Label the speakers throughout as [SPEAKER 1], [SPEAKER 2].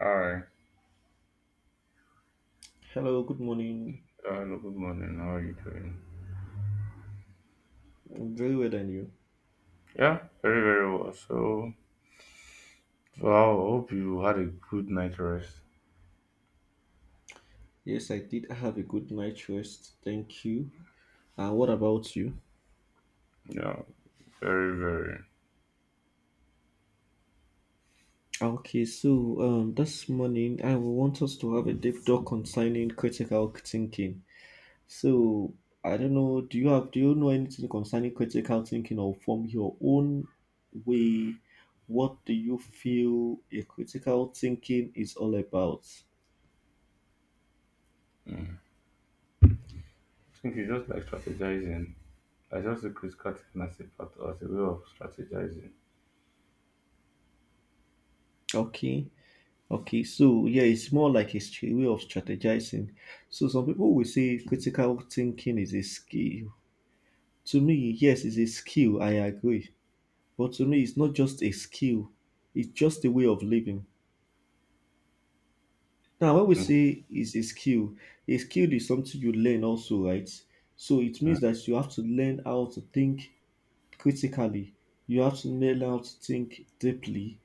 [SPEAKER 1] Hi,
[SPEAKER 2] Hello, good morning.
[SPEAKER 1] hello, good morning. How are you doing?
[SPEAKER 2] I'm very well, and you?
[SPEAKER 1] Yeah, very, very well. So, wow. I hope you had a good night rest.
[SPEAKER 2] Yes, I did have a good night rest. Thank you. And what about you?
[SPEAKER 1] Yeah, very, very. I
[SPEAKER 2] Okay, so this morning I want us to have a deep talk concerning critical thinking. So I don't know, do you have do you know anything concerning critical thinking or from your own way? What do you feel a critical thinking is all about?
[SPEAKER 1] think you just like strategizing. I just look at cutting as a part as a way of strategizing.
[SPEAKER 2] Okay. Okay, so yeah, it's more like a way of strategizing. So some people will say critical thinking is a skill. To me, yes, it's a skill. I agree, but to me, it's not just a skill. It's just a way of living. Now, when we
[SPEAKER 1] Mm,
[SPEAKER 2] say is a skill is something you learn also, right? So it
[SPEAKER 1] mm.
[SPEAKER 2] means that you have to learn how to think critically. You have to learn how to think deeply,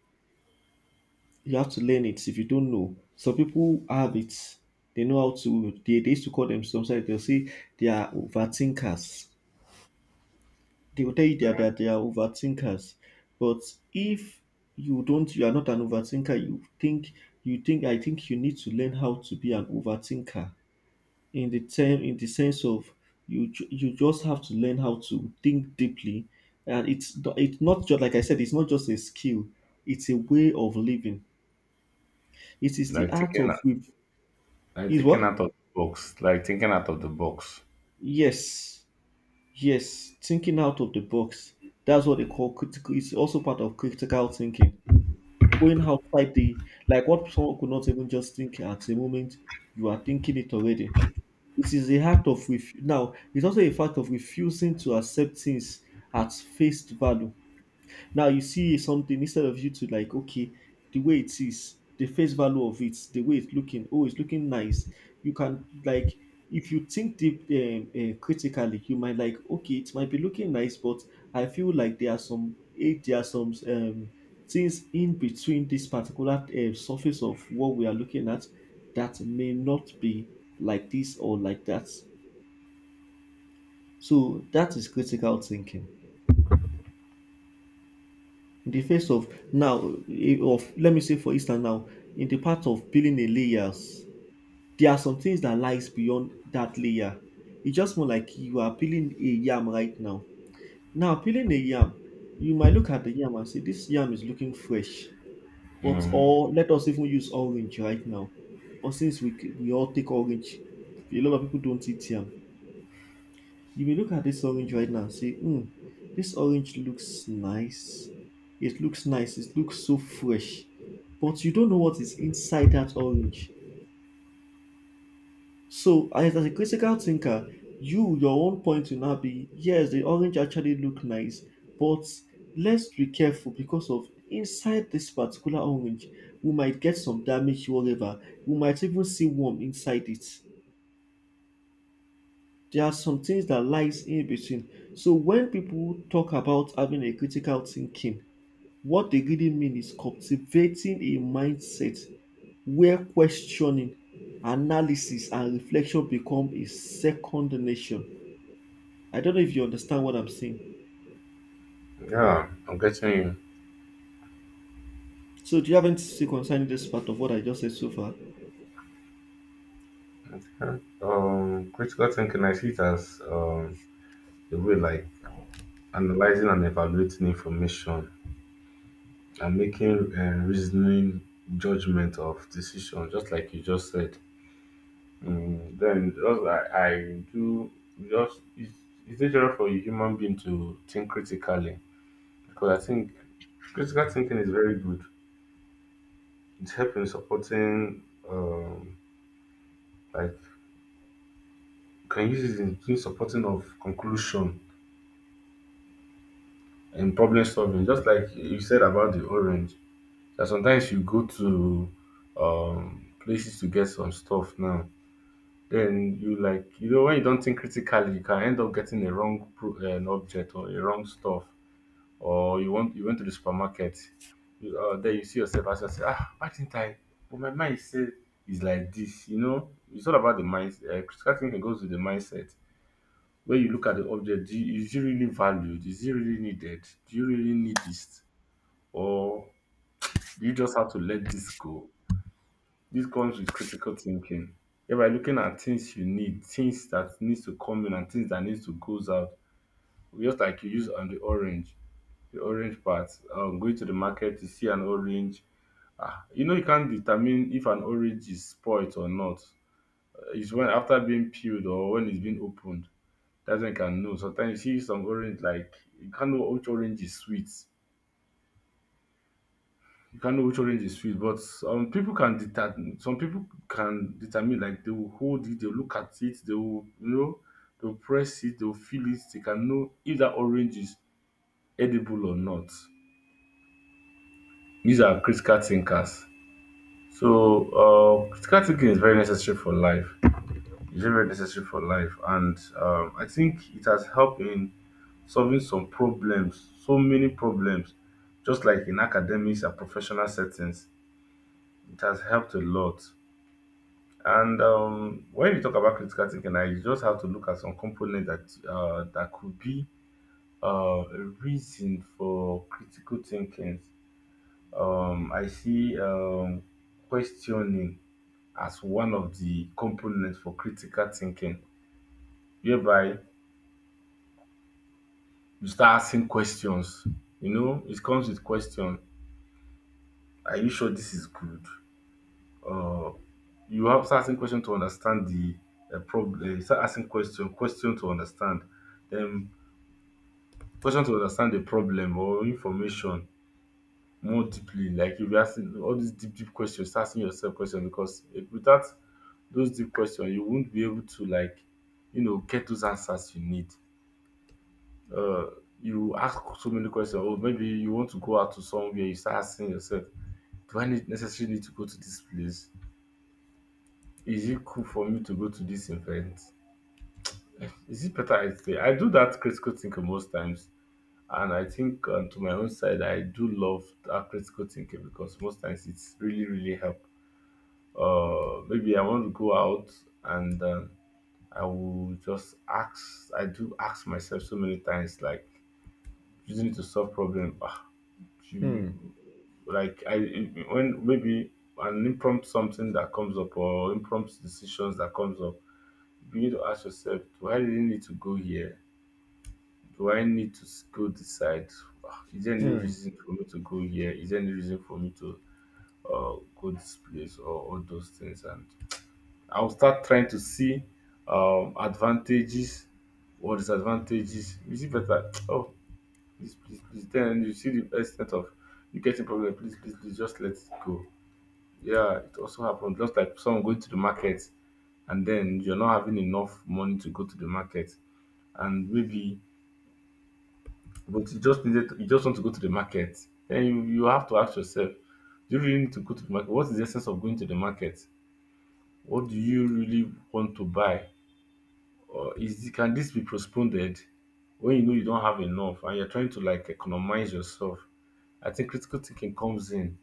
[SPEAKER 2] you have to learn it if you don't know. Some people have it, they know how to. They used to call them, sometimes they'll say they are overthinkers. They will tell you that they are overthinkers. But if you don't, you are not an overthinker. You think you think. I think you need to learn how to be an overthinker in the sense of you just have to learn how to think deeply, and it's not just like I said. It's not just a skill. It's a way of living. It is the
[SPEAKER 1] Like
[SPEAKER 2] art
[SPEAKER 1] thinking,
[SPEAKER 2] of.
[SPEAKER 1] out- like
[SPEAKER 2] Is
[SPEAKER 1] thinking
[SPEAKER 2] what?
[SPEAKER 1] out of the box. Like thinking out of the box.
[SPEAKER 2] Yes, yes. Thinking out of the box. That's what they call critical. It's also part of critical thinking. Going outside the, like what someone could not even just think at the moment, you are thinking it already. It is a act of now. It's also a fact of refusing to accept things at face value. Now you see something, instead of you to like, okay, the way it is, the face value of it, the way it's looking, oh, it's looking nice. You can like, if you think deep critically, you might like, okay, it might be looking nice, but I feel like there are some things in between this particular surface of what we are looking at that may not be like this or like that. So that is critical thinking, in the face of now, of let me say for instance now, in the part of peeling a layers, there are some things that lies beyond that layer. It's just more like you are peeling a yam right now. Now peeling a yam, you might look at the yam and say this yam is looking fresh, but,
[SPEAKER 1] Mm-hmm.
[SPEAKER 2] or let us even use orange right now, or since we all take orange, a lot of people don't eat yam. You may look at this orange right now and say, hmm, this orange looks nice. It looks nice. It looks so fresh. But you don't know what is inside that orange. So, as a critical thinker, you, your own point will now be, yes, the orange actually look nice, but let's be careful because of inside this particular orange, we might get some damage, whatever. We might even see worm inside it. There are some things that lies in between. So when people talk about having a critical thinking, what they really mean is cultivating a mindset where questioning, analysis, and reflection become a second nation. I don't know if you understand what I'm saying.
[SPEAKER 1] Yeah, I'm getting you.
[SPEAKER 2] So do you have anything to say concerning this part of what I just said so far?
[SPEAKER 1] Okay. Critical thinking, I see it as the way like analyzing and evaluating information and making reasoning judgment of decision just like you just said mm, then just I do just it's dangerous for a human being to think critically because I think critical thinking is very good, it's helping supporting um like you can use it in supporting of conclusion and problem solving just like you said about the orange, that sometimes you go to places to get some stuff now, then you like, you know, when you don't think critically you can end up getting a object or a wrong stuff, or you want, you went to the supermarket, then you see yourself as you say, ah, why didn't I, but my mind said it's like this, you know, it's all about the mind. Critical thinking goes with the mindset. When you look at the object, is it really valued, is it really needed, do you really need this, or do you just have to let this go? This comes with critical thinking, whereby looking at things you need, things that needs to come in and things that needs to goes out. Just like you use on the orange part. Going to the market, you see an orange. Ah, you know you can't determine if an orange is spoilt or not. It's when after being peeled or when it's been opened. That's when you can know. Sometimes you see some orange like you can't know which orange is sweet. You can't know which orange is sweet, but people can determine. Some people can determine, like they will hold it, they will look at it, they will, you know, they will press it, they will feel it. They can know if that orange is edible or not. These are critical thinkers. So, critical thinking is very necessary for life. It's very very necessary for life, and I think it has helped in solving some problems, so many problems, just like in academics and professional settings. It has helped a lot. And when you talk about critical thinking, I just have to look at some component that could be a reason for critical thinking. I see questioning as one of the components for critical thinking, whereby you start asking questions. You know, it comes with question. Are you sure this is good? You have to start asking question to understand the problem. Start asking question, question to understand. Then question to understand the problem or information more deeply, like if you'll asking all these deep, deep questions, start asking yourself questions because without those deep questions, you won't be able to like, you know, get those answers you need. You ask so many questions, or maybe you want to go out to somewhere, you start asking yourself, do I need necessarily need to go to this place? Is it cool for me to go to this event? Is it better I stay? I do that critical thinking most times. And I think to my own side, I do love that critical thinking because most times it's really, really help. Maybe I want to go out and I will just ask. I do ask myself so many times, like using it to solve problem. Ah, do you- like I when maybe an impromptu something that comes up or impromptu decisions that comes up, you need to ask yourself, do I really need to go here? Do I need to s- Go decide? Ah, is there any
[SPEAKER 2] Hmm.
[SPEAKER 1] reason for me to go here? Is there any reason for me to uh, go this place or all those things? And I'll start trying to see advantages or disadvantages. You see better. Oh, please, please, please. Then you see the extent of you getting problem. Please, please, please, just let it go. Yeah, it also happened. Just like someone going to the market and then you're not having enough money to go to the market, and maybe, but you just needed to, you just want to go to the market. Then you have to ask yourself, do you really need to go to the market? What is the essence of going to the market? What do you really want to buy? Can this be postponed when you know you don't have enough and you're trying to like economize yourself? I think critical thinking comes in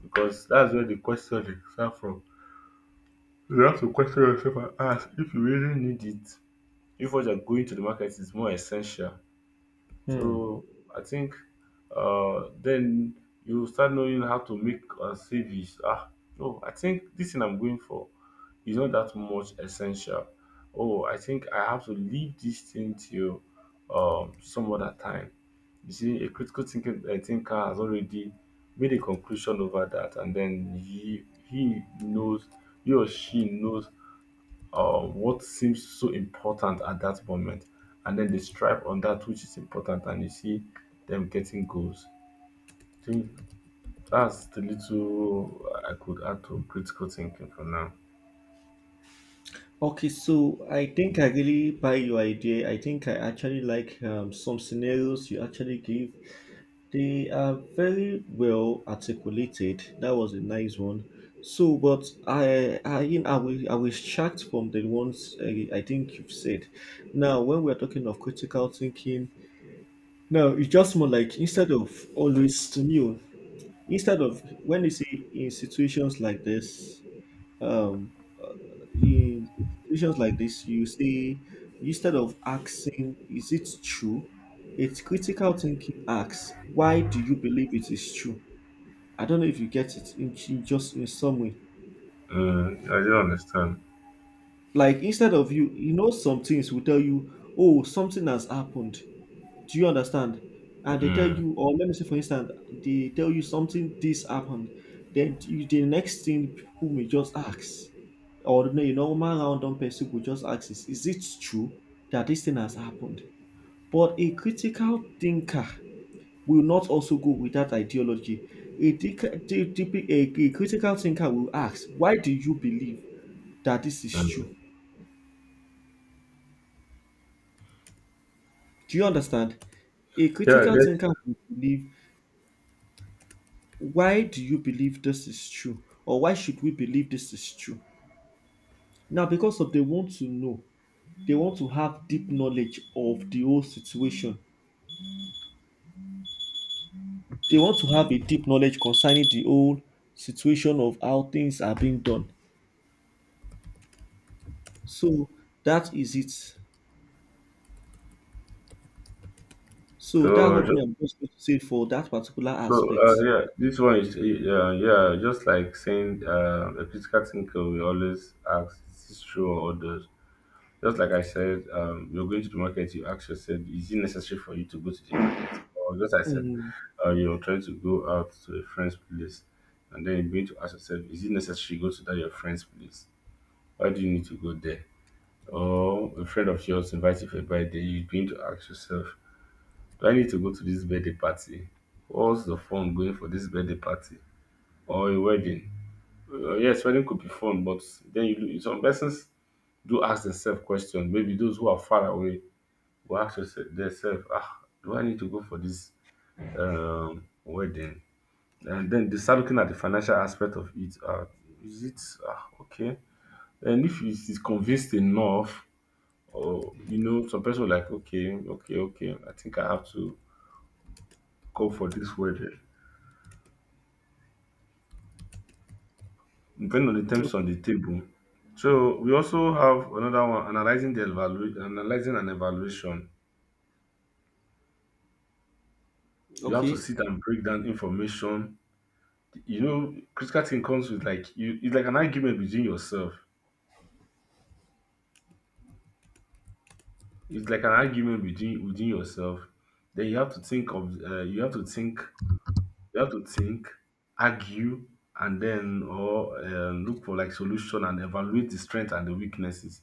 [SPEAKER 1] because that's where the question is start from. You have to question yourself and ask if you really need it. If what you're going to the market is more essential.
[SPEAKER 2] Hmm.
[SPEAKER 1] So I think then you start knowing how to make CVs. Ah, no, I think this thing I'm going for is not that much essential. Oh, I think I have to leave this thing till some other time. You see, a critical thinking thinker has already made a conclusion over that, and then he knows, he or she knows what seems so important at that moment, and then they strive on that which is important, and you see them getting goals. I think that's the little I could add to critical thinking for now.
[SPEAKER 2] Okay, so I think I really buy your idea. I think I actually like some scenarios you actually give. They are very well articulated. That was a nice one. So, but you know, I will extract from the ones I think you've said. Now, when we're talking of critical thinking, now it's just more like instead of always new, instead of when you see in situations like this, um, in situations like this, you say instead of asking, is it true? It's critical thinking asks, why do you believe it is true? I don't know if you get it in just in some way.
[SPEAKER 1] Mm, I do understand.
[SPEAKER 2] Like instead of you, you know, some things will tell you, oh, something has happened. Do you understand? And they tell you,
[SPEAKER 1] Mm,
[SPEAKER 2] or let me say, for instance, they tell you something, this happened. Then you, the next thing people may just ask, or the normal random person will just ask, is it true that this thing has happened? But a critical thinker will not also go with that ideology. A critical thinker will ask, why do you believe that this is true?
[SPEAKER 1] mm.
[SPEAKER 2] Do you understand? A
[SPEAKER 1] Yeah, I
[SPEAKER 2] critical thinker
[SPEAKER 1] guess
[SPEAKER 2] will believe, why do you believe this is true or why should we believe this is true now, because of they want to know, they want to have deep knowledge of the whole situation, they want to have a deep knowledge concerning the whole situation of how things are being done. So that is it. So that's
[SPEAKER 1] so.
[SPEAKER 2] what me, I'm just going to say for that particular
[SPEAKER 1] So
[SPEAKER 2] aspect.
[SPEAKER 1] yeah, this one is yeah, just like saying a critical thinker will always ask, is this true or does. Just like I said, you're going to the market, you ask yourself, is it necessary for you to go to the market? Or just I said,
[SPEAKER 2] Mm,
[SPEAKER 1] you're trying to go out to a friend's place, and then you're going to ask yourself, is it necessary to go to that your friend's place? Why do you need to go there? Or a friend of yours invites you for a birthday, you're going to ask yourself, do I need to go to this birthday party? What's the fun going for this birthday party or a wedding? Yes, wedding could be fun, but then you, some persons do ask themselves questions. Maybe those who are far away will ask yourself themself, ah, do I need to go for this wedding? And then they start looking at the financial aspect of it. Is it Ah, okay? And if it is convinced enough, or you know, some person will like, okay, okay, okay, I think I have to go for this wedding, depending on the terms
[SPEAKER 2] o-
[SPEAKER 1] on the table. So we also have another one, analyzing an evaluation. You have to
[SPEAKER 2] okay.
[SPEAKER 1] sit and break down information. You know, critical thinking comes with like you it's like an argument between yourself. It's like an argument between within yourself. Then you have to think, you have to think, argue, and then or look for like solution and evaluate the strength and the weaknesses.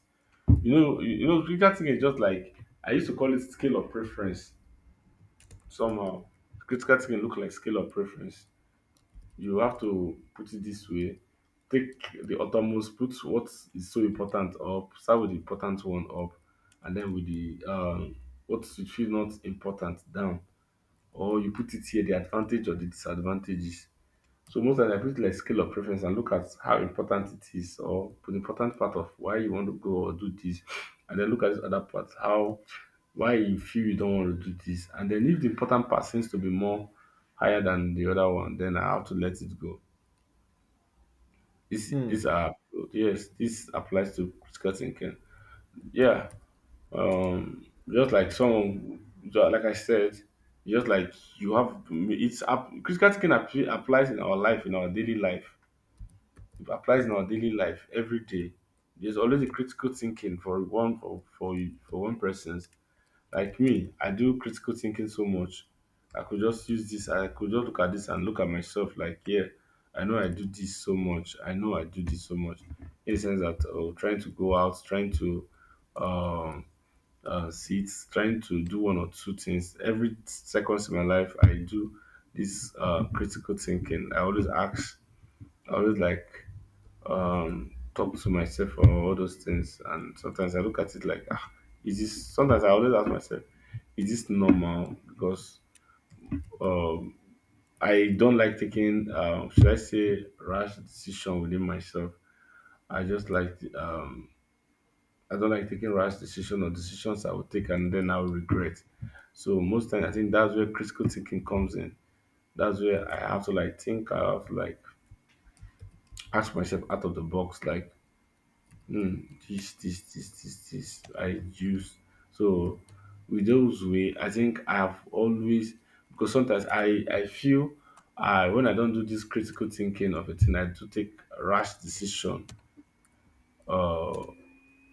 [SPEAKER 1] You know, you know, critical thinking is just like I used to call it scale of preference somehow. Critical thinking look like scale of preference. You have to put it this way, take the uttermost, put what is so important up, start with the important one up, and then with the what you feel not important down, or you put it here the advantage or the disadvantages. So most times I put like scale of preference and look at how important it is or the important part of why you want to go or do this, and then look at this other part, how, why you feel you don't want to do this, and then if the important part seems to be more higher than the other one, then I have to let it go. This are Yes, this applies to critical thinking. Yeah. Um just like someone ju- Like I said, just like you have, critical thinking applies in our life, in our daily life. It applies in our daily life every day. There's always a critical thinking for one person's. Like me, I do critical thinking so much. I could just use this, I could just look at this and look at myself like, yeah, I know I do this so much. I know I do this so much. In the sense that oh, trying to go out, trying to um, sit, trying to do one or two things. Every seconds in my life, I do this critical thinking. I always ask, I always like talk to myself or all those things. And sometimes I look at it like ah is this sometimes I always ask myself, is this normal? Because um I don't like taking should I say rash decision within myself. I just like the, I don't like taking rash decision or decisions I will take and then I'll regret. So most times, I think that's where critical thinking comes in. That's where I have to like think, I have to like ask myself out of the box, like this, this, this, this, this I use. So with those way, I think I've always because sometimes I feel I when I don't do this critical thinking of a thing, I do take rash decision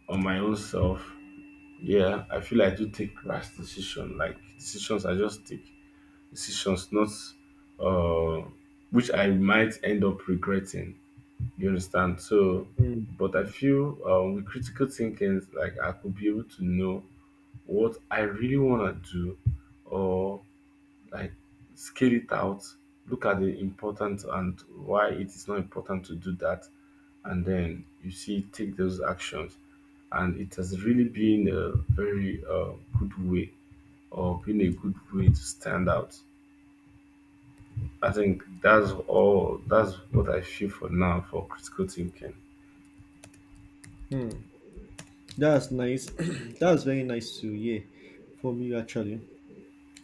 [SPEAKER 1] on my own self. Yeah, I feel I do take rash decision. Like decisions, I just take decisions, not uh, which I might end up regretting. You understand? So,
[SPEAKER 2] Mm,
[SPEAKER 1] but I feel with critical thinking, like I could be able to know what I really want to do or like scale it out, look at the importance and why it is not important to do that. And then you see, take those actions. And it has really been a very good way or been a good way to stand out. I think that's all, that's what I feel for now for critical thinking.
[SPEAKER 2] that's nice. That's very nice to hear from you actually.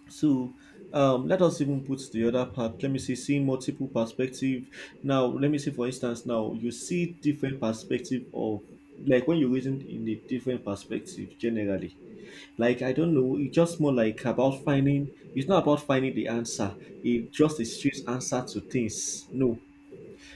[SPEAKER 2] So let us even put the other part. Let me see, seeing multiple perspective. Now, let me see. For instance, now you see different perspective of, like when you reason in a different perspective generally. Like I don't know, it's just more like about finding. It's not about finding the answer. It just a straight answer to things. No,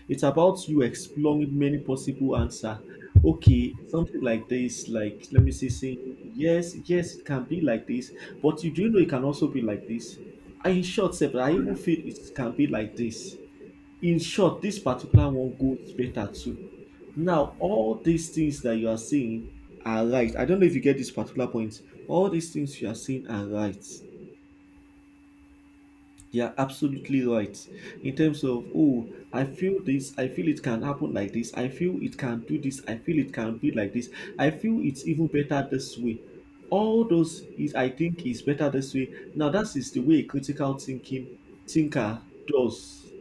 [SPEAKER 2] it's about you exploring many possible answer. Okay, something like this, like let me see, saying yes, yes, it can be like this, but you do know it can also be like this. And in short, sef, I even feel it can be like this. In short, this particular one goes better too. Now, all these things that you are saying are right. I don't know if you get this particular point. All these things you are saying are right. You're absolutely right. In terms of, oh, I feel this, I feel it can happen like this, I feel it can do this, I feel it can be like this, I feel it's even better this way. All those is I think is better this way. Now that is the way a critical thinking thinker does,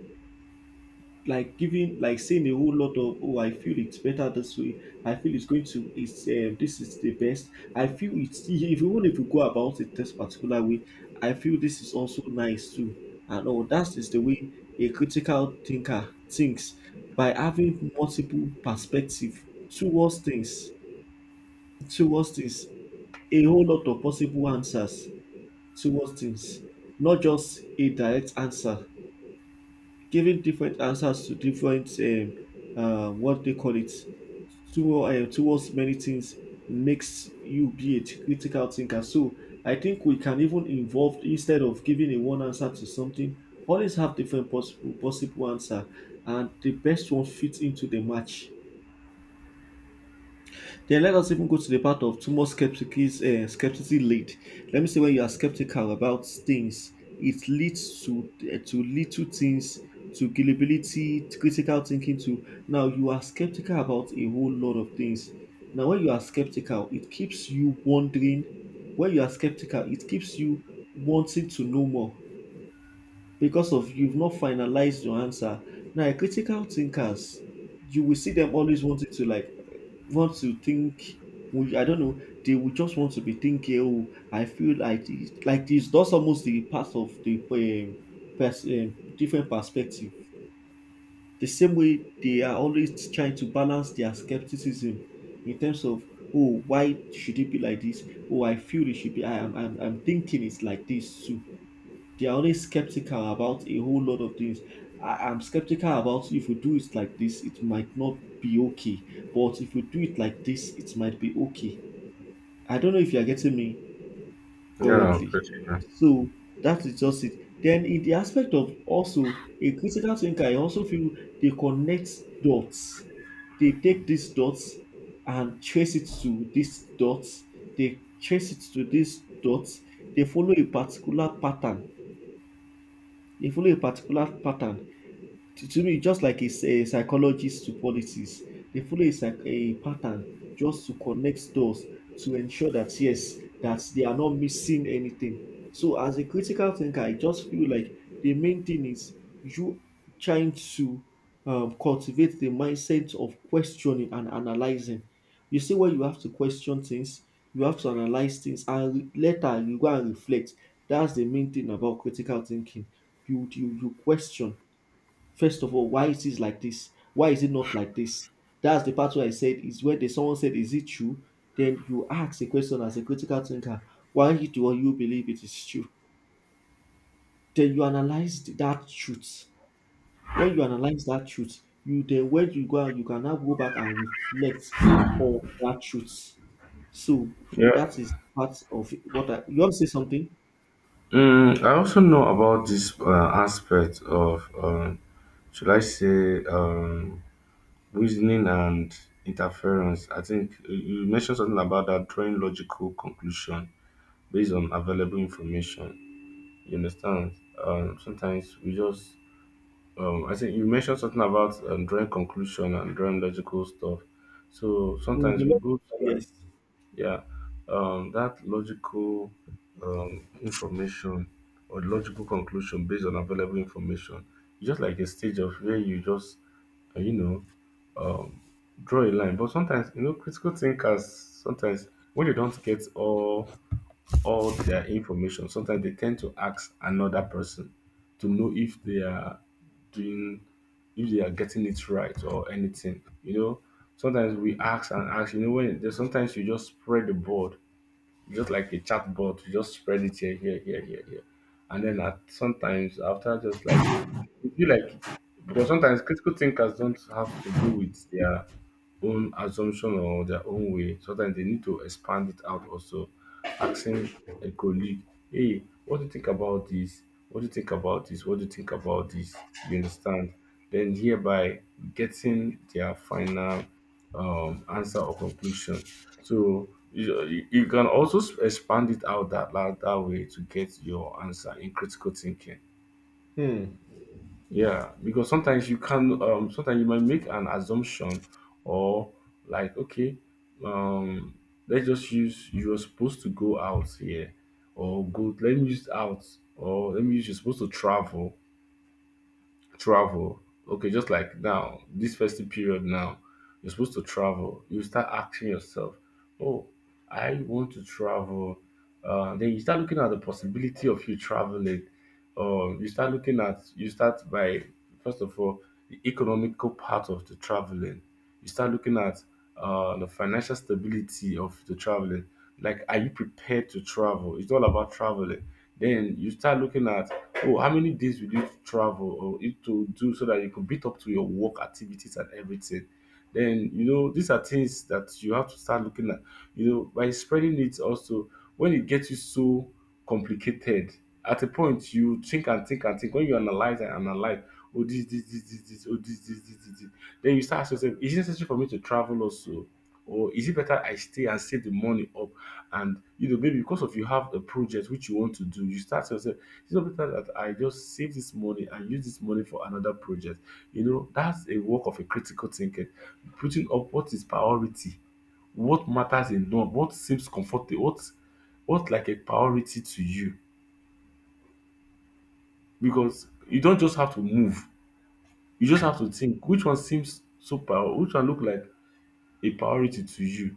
[SPEAKER 2] like giving, like saying a whole lot of, oh I feel it's better this way, I feel it's going to it's this is the best, I feel it's if you want if you go about it this particular way, I feel this is also nice too, and all that is the way a critical thinker thinks, by having multiple perspective towards things, towards things, a whole lot of possible answers towards things, not just a direct answer, giving different answers to different what they call it, towards many things, makes you be a critical thinker. So I think we can even involve, instead of giving a one answer to something, always have different possible answer, and the best one fits into the match. Then let us even go to the part of too much skepticism, skepticism lead. Let me say when you are skeptical about things, it leads to little things, to gullibility, to critical thinking. To now you are skeptical about a whole lot of things. Now when you are skeptical, it keeps you wondering. When you are skeptical, it keeps you wanting to know more because of you've not finalized your answer. Now, critical thinkers, you will see them always wanting to like want to think. I don't know. They will just want to be thinking. Oh, I feel like this, like this. That's almost the part of the different perspective. The same way they are always trying to balance their skepticism in terms of, oh, why should it be like this? Oh, I feel it should be. I am. I'm thinking it's like this too. They are always skeptical about a whole lot of things. I'm skeptical about if we do it like this, it might not be okay. But if we do it like this, it might be okay. I don't know if you're getting me
[SPEAKER 1] Yeah,
[SPEAKER 2] currently.
[SPEAKER 1] critical.
[SPEAKER 2] So that is just it. Then in the aspect of also a critical thinker, I also feel they connect dots. They take these dots and trace it to these dots. They trace it to these dots. They follow a particular pattern they follow a particular pattern to me, just like a psychologist to politics, they follow a, a pattern just to connect doors to ensure that yes, that they are not missing anything. So as a critical thinker, I just feel like the main thing is you trying to cultivate the mindset of questioning and analyzing. You see, when you have to question things, you have to analyze things, and later you go and reflect. That's the main thing about critical thinking. You question. First of all, why is this like this? Why is it not like this? That's the part where I said is where someone said, "Is it true?" Then you ask a question as a critical thinker, why do you believe it is true? Then you analyze that truth. When you analyze that truth, you then when you go out, you can now go back and reflect on that truth. So
[SPEAKER 1] Yeah,
[SPEAKER 2] that
[SPEAKER 1] yeah.
[SPEAKER 2] is part of what I. You want to say something?
[SPEAKER 1] Mm, I also know about this aspect of should I say reasoning and interference. I think you mentioned something about that drawing logical conclusion based on available information. You understand? Sometimes we just I think you mentioned something about drawing conclusion and drawing logical stuff. So
[SPEAKER 2] Mm,
[SPEAKER 1] sometimes we
[SPEAKER 2] below-
[SPEAKER 1] go,
[SPEAKER 2] Yes.
[SPEAKER 1] yeah, that logical information or logical conclusion based on available information, just like a stage of where you just, you know, draw a line. But sometimes, you know, critical thinkers sometimes when they don't get all their information, sometimes they tend to ask another person to know if they are doing if they are getting it right or anything. You know, sometimes we ask and ask, you know, when there's sometimes you just spread the board, just like a chat board, you just spread it here, here, here, here, here. And then at sometimes after just like you feel like because sometimes critical thinkers don't have to go with their own assumption or their own way. Sometimes they need to expand it out also, asking a colleague, hey, what do you think about this? What do you think about this? What do you think about this? You understand? Then hereby getting their final answer or conclusion. So you, you can also s- expand it out that way to get your answer in critical thinking.
[SPEAKER 2] Hmm.
[SPEAKER 1] Yeah, because sometimes you can, sometimes you might make an assumption or like, okay, um, let's just use you're supposed to go out here or go, let me use out or let me use you're supposed to travel. Okay, just like now, this festive period now, you're supposed to travel. You start asking yourself, oh, I want to travel. Then you start looking at the possibility of you traveling. Or you start looking at, you start by, first of all, the economical part of the traveling you start looking at the financial stability of the traveling. Like, are you prepared to travel? It's all about traveling. Then you start looking at, oh, how many days will you travel or you to do so that you could beat up to your work activities and everything. Then, you know, these are things that you have to start looking at. You know, by spreading it also, when it gets you so complicated, at a point, you think and think and think. When you analyze and analyze, oh, this, oh, this, this, this, this, this. Then you start asking yourself, is it necessary for me to travel also? Or is it better I stay and save the money up? And, you know, maybe because of you have a project which you want to do, you start to yourself, is it better that I just save this money and use this money for another project? You know, that's a work of a critical thinking. Putting up what is priority, what matters enough, what seems comfortable, what like a priority to you because you don't just have to move, you just have to think which one seems so prior which one look like a priority to you.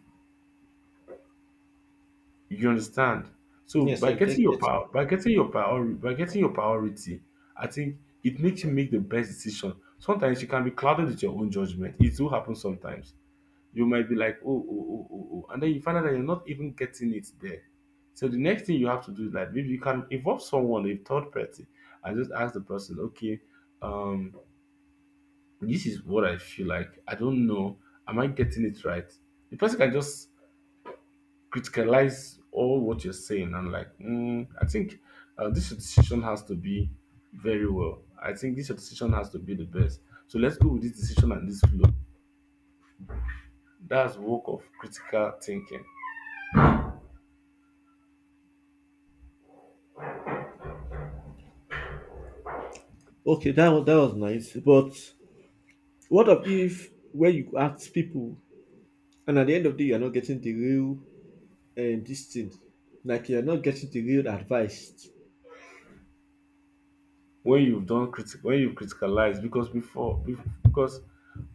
[SPEAKER 1] You understand? So
[SPEAKER 2] Yes,
[SPEAKER 1] by
[SPEAKER 2] I
[SPEAKER 1] getting
[SPEAKER 2] get
[SPEAKER 1] your
[SPEAKER 2] it.
[SPEAKER 1] power by getting your priori by getting your priority, I think it makes you make the best decision. Sometimes you can be clouded with your own judgment. It will happen sometimes. You might be like, "Oh, oh, oh, oh, oh," and then you find out that you're not even getting it there. So the next thing you have to do is like maybe you can involve someone, a third party, and just ask the person, okay, um this is what I feel like. I don't know. Am I getting it right? The person can just criticalize all what you're saying. I'm like, mm, I think this decision has to be very well. I think this decision has to be the best. So let's go with this decision and this flow. That's work of critical thinking.
[SPEAKER 2] Okay, that was nice, but what of if where you ask people and at the end of the day you are not getting the real this thing, like you are not getting the real advice.
[SPEAKER 1] When you've done critic, when you've criticalized, because because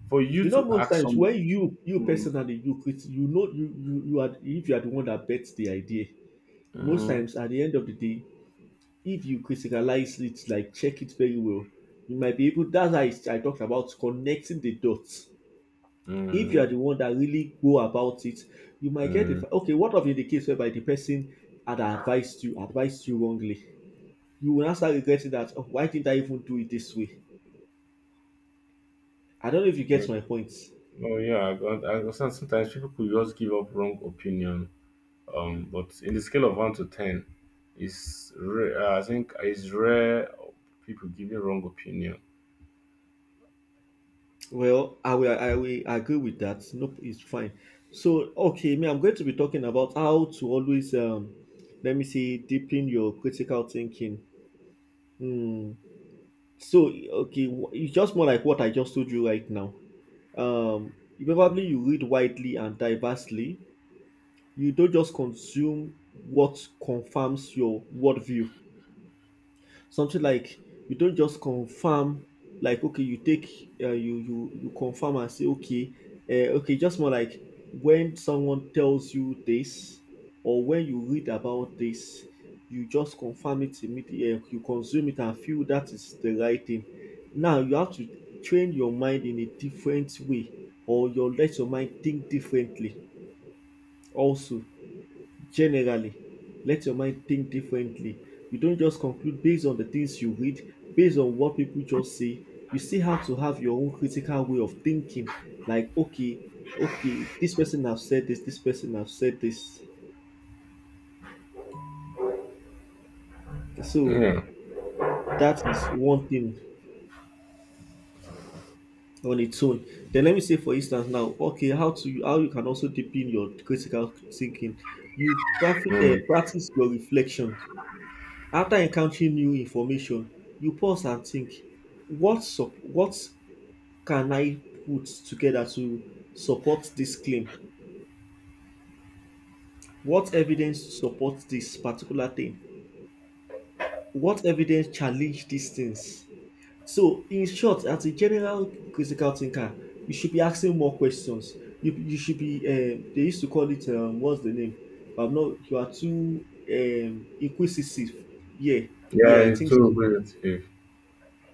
[SPEAKER 1] for you
[SPEAKER 2] You know,
[SPEAKER 1] to
[SPEAKER 2] most
[SPEAKER 1] act
[SPEAKER 2] times
[SPEAKER 1] some.
[SPEAKER 2] when you
[SPEAKER 1] Mm,
[SPEAKER 2] personally you know you are if you are the one that bets the idea. Most
[SPEAKER 1] mm,
[SPEAKER 2] times at the end of the day, if you criticalize it, like check it very well, you might be able. That's how I talked about connecting the dots. If you
[SPEAKER 1] mm,
[SPEAKER 2] are the one that really go about it, you might get
[SPEAKER 1] mm,
[SPEAKER 2] okay. What of in the case whereby the person had advised you wrongly? You will now start regretting that, oh, why didn't I even do it this way? I don't know if you get
[SPEAKER 1] mm.
[SPEAKER 2] my point.
[SPEAKER 1] Oh yeah, I understand. Sometimes people could just give up wrong opinion. But in the scale of one to ten, it's rare. I think it's rare people giving wrong opinion.
[SPEAKER 2] Well, I will agree with that. Nope, it's fine. So okay, me, I'm going to be talking about how to always let me see deepen your critical thinking. Hmm. So okay, it's just more like what I just told you right now. You probably you read widely and diversely. You don't just consume what confirms your worldview. Something like you don't just confirm, like okay, you take you confirm and say, okay, okay, just more like when someone tells you this or when you read about this, you just confirm it immediately. You consume it and feel that is the right thing. Now you have to train your mind in a different way, or you let your mind think differently. Also, generally, let your mind think differently. You don't just conclude based on the things you read, based on what people just say. You still have to have your own critical way of thinking. Like, okay, okay, this person have said this, this person have said this. So that is one thing on its own. Then let me say, for instance, now, okay, how to how you can also deepen your critical thinking. Practice your reflection. After encountering new information, you pause and think, what can I put together to support this claim? What evidence supports this particular thing? What evidence challenge these things? So, in short, as a general critical thinker, you should be asking more questions. You should be, they used to call it, what's the name? I'm not, you are too inquisitive. Yeah,
[SPEAKER 1] Yeah,
[SPEAKER 2] yeah, I
[SPEAKER 1] it's
[SPEAKER 2] think
[SPEAKER 1] too
[SPEAKER 2] so.
[SPEAKER 1] relative.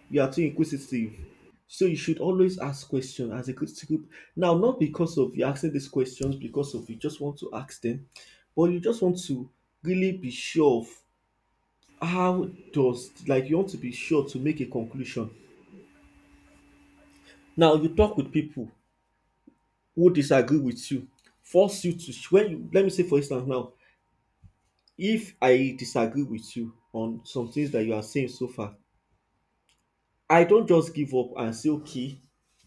[SPEAKER 2] You are too inquisitive. So you should always ask questions as a critical. Now, not because of you asking these questions, because of you just want to ask them, but you just want to really be sure of how does, like you want to be sure to make a conclusion. Now you talk with people who disagree with you, force you to when you let me say for instance now, if I disagree with you on some things that you are saying so far, I don't just give up and say, okay,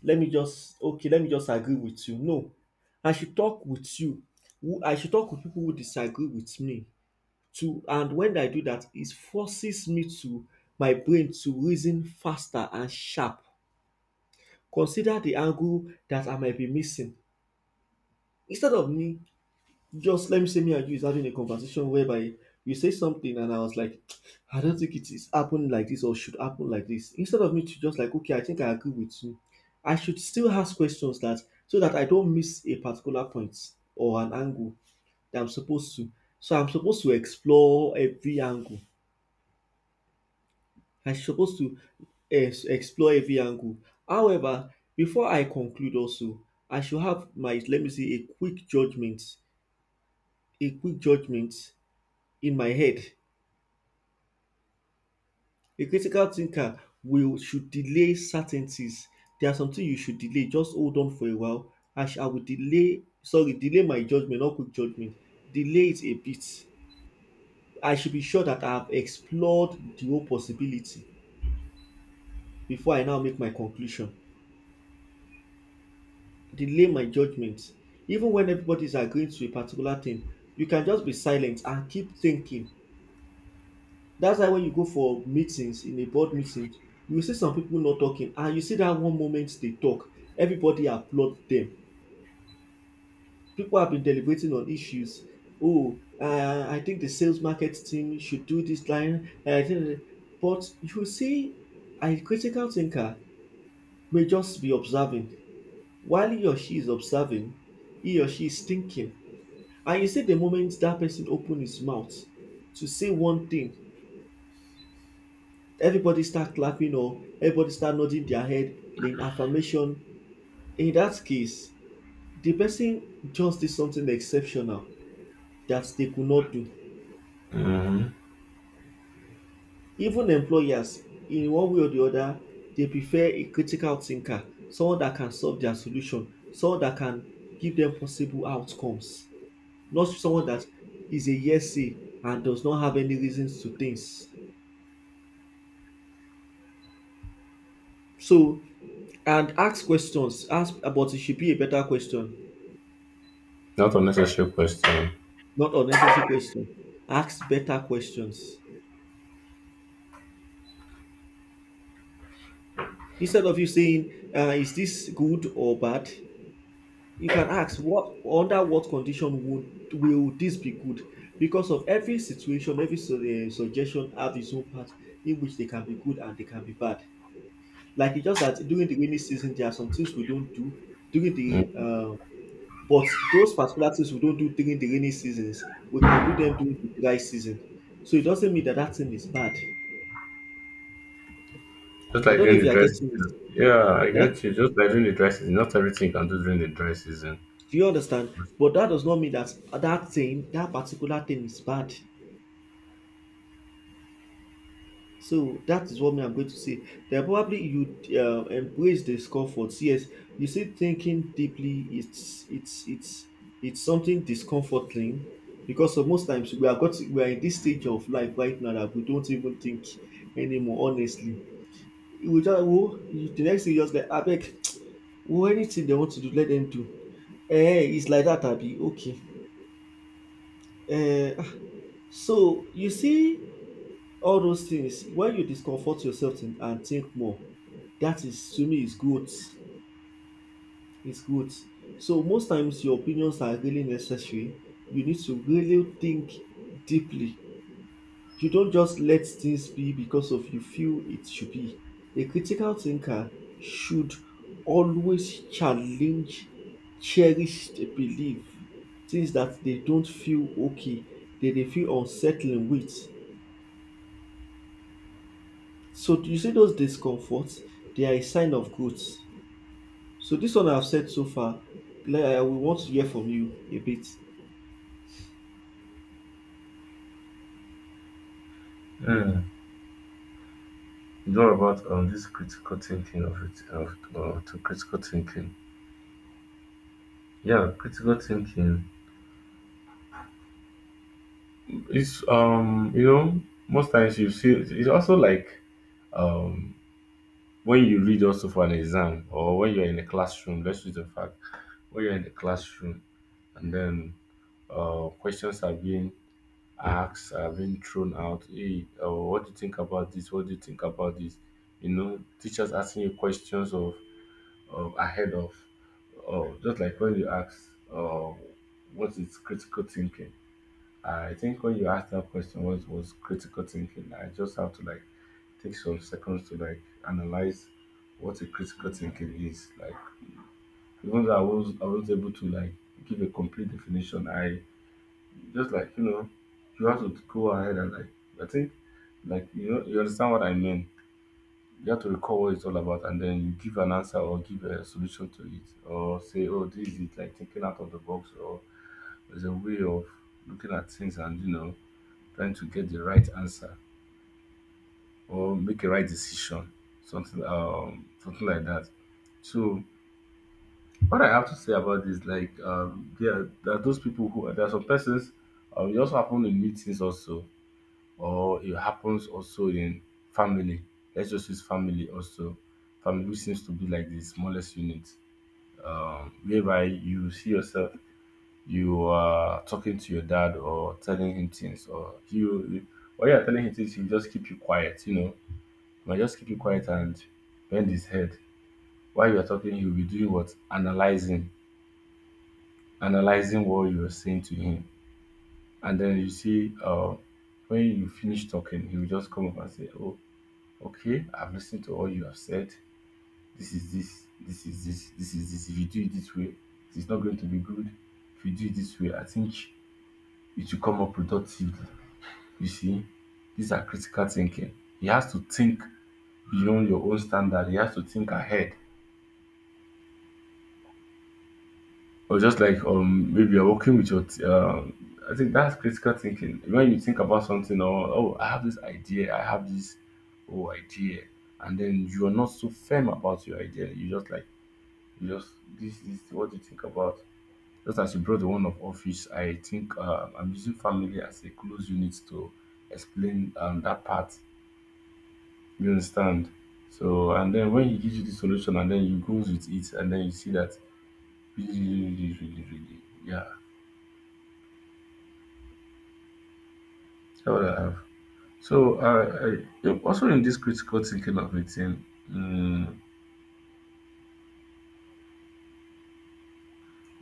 [SPEAKER 2] let me just okay, let me just agree with you. No, I should talk with you. Who I should talk with people who disagree with me too. And when I do that, it forces me to my brain to reason faster and sharp. Consider the angle that I might be missing instead of me just, let me say me and you is having a conversation whereby you say something and I was like, I don't think it is happening like this or should happen like this. Instead of me to just like, okay, I think I agree with you, I should still ask questions that so that I don't miss a particular point or an angle that I'm supposed to. So I'm supposed to explore every angle. I'm supposed to explore every angle. However, before I conclude also, I should have my let me see a quick judgment in my head. A critical thinker will should delay certainties. There are some you should delay. Just hold on for a while. I will delay, sorry, delay my judgment, not quick judgment. Delay it a bit. I should be sure that I have explored the whole possibility before I now make my conclusion. Delay my judgment. Even when everybody is agreeing to a particular thing, you can just be silent and keep thinking. That's why when you go for meetings, in a board meeting, you will see some people not talking and you see that one moment they talk, everybody applaud them. People have been deliberating on issues. Oh, I think the sales market team should do this line. I think, but you see, a critical thinker may just be observing. While he or she is observing, he or she is thinking. And you see the moment that person open his mouth to say one thing, everybody start clapping or everybody start nodding their head in affirmation. In that case, the person just did something exceptional that they could not do. Even employers, in one way or the other, they prefer a critical thinker, someone that can solve their solution, someone that can give them possible outcomes, not someone that is a yesy and does not have any reasons to things. So, and ask questions, ask, but it should be a better question,
[SPEAKER 1] Not unnecessary question.
[SPEAKER 2] not unnecessary question. Ask better questions. Instead of you saying, "Is this good or bad?" You can ask, "What under what condition would will this be good?" Because of every situation, suggestion have its own part in which they can be good and they can be bad. Like it's just that during the rainy season, there are some things we don't do during the.
[SPEAKER 1] Mm.
[SPEAKER 2] But those particular things we don't do during the rainy seasons, we can do them during the dry season. So it doesn't mean that that thing is bad.
[SPEAKER 1] Just
[SPEAKER 2] I
[SPEAKER 1] like
[SPEAKER 2] don't know
[SPEAKER 1] during
[SPEAKER 2] if
[SPEAKER 1] the
[SPEAKER 2] you are
[SPEAKER 1] dry
[SPEAKER 2] getting it.
[SPEAKER 1] season. Yeah, I
[SPEAKER 2] Eh?
[SPEAKER 1] get you. Just like during the dry season, not everything you can do during the dry season.
[SPEAKER 2] Do you understand? But that does not mean that that thing, that particular thing is bad. So that is what me I'm going to say. Then probably you embrace discomfort. Yes, you see, thinking deeply, it's something discomforting because of most times we are in this stage of life right now that we don't even think anymore. Honestly, we just oh, the next thing you just like abeg, oh anything they want to do, let them do. Eh, it's like that, Abi. Okay. Eh. Ah, so you see all those things when you discomfort yourself and think more, that is to me is good. It's good. So most times your opinions are really necessary. You need to really think deeply. You don't just let things be because of you feel it should be. A critical thinker should always challenge cherished belief, things that they don't feel okay, that they feel unsettling with. So do you see those discomforts? They are a sign of growth. So this one I've said so far, like, I will want to hear from you a bit.
[SPEAKER 1] Mm. It's all about this critical thinking of it of to critical thinking. Yeah, critical thinking. It's you know, most times you see it's also like um when you read also for an exam or when you're in a classroom, let's use the fact when you're in the classroom and then questions are being asked, are being thrown out. Hey, what do you think about this? What do you think about this? You know, teachers asking you questions of ahead of just like when you ask uh what is critical thinking. I think when you asked that question, what was critical thinking? I just have to like take some seconds to like analyze what a critical thinking is. Like even though I was able to like give a complete definition, I just like you know you have to go ahead and like I think like you know you understand what I mean. You have to recall what it's all about, and then you give an answer or give a solution to it, or say, "Oh, this is it," like thinking out of the box, or there's a way of looking at things, and you know trying to get the right answer or make a right decision, something something like that. So what I have to say about this, like there are those people who there are some persons. It also happen in meetings also, or it happens also in family. Let's just use family also. Family which seems to be like the smallest unit, whereby you see yourself you are talking to your dad or telling him things, or you are telling him things, he will just keep you quiet, you know. You might just keep it quiet and bend his head. While you're talking, he'll be doing what? Analyzing, analyzing what you're saying to him. And then you see, when you finish talking, he will just come up and say, Oh, okay, I've listened to all you have said. This is this, this is this, this is this. If you do it this way, it's not going to be good. If you do it this way, I think it will come up productively. You see, these are critical thinking. He has to think beyond your own standard, he has to think ahead. Or just like maybe you're working with your I think that's critical thinking. When you think about something or oh I have this idea, I have this oh idea and then you are not so firm about your idea. You just like you just this is what you think about. Just as you brought the one of office, I think I'm using family as a close unit to explain that part. You understand? So and then when he gives you the solution and then you goes with it and then you see that really, yeah. That's what I have. So, I, also in this critical thinking of it, in, um,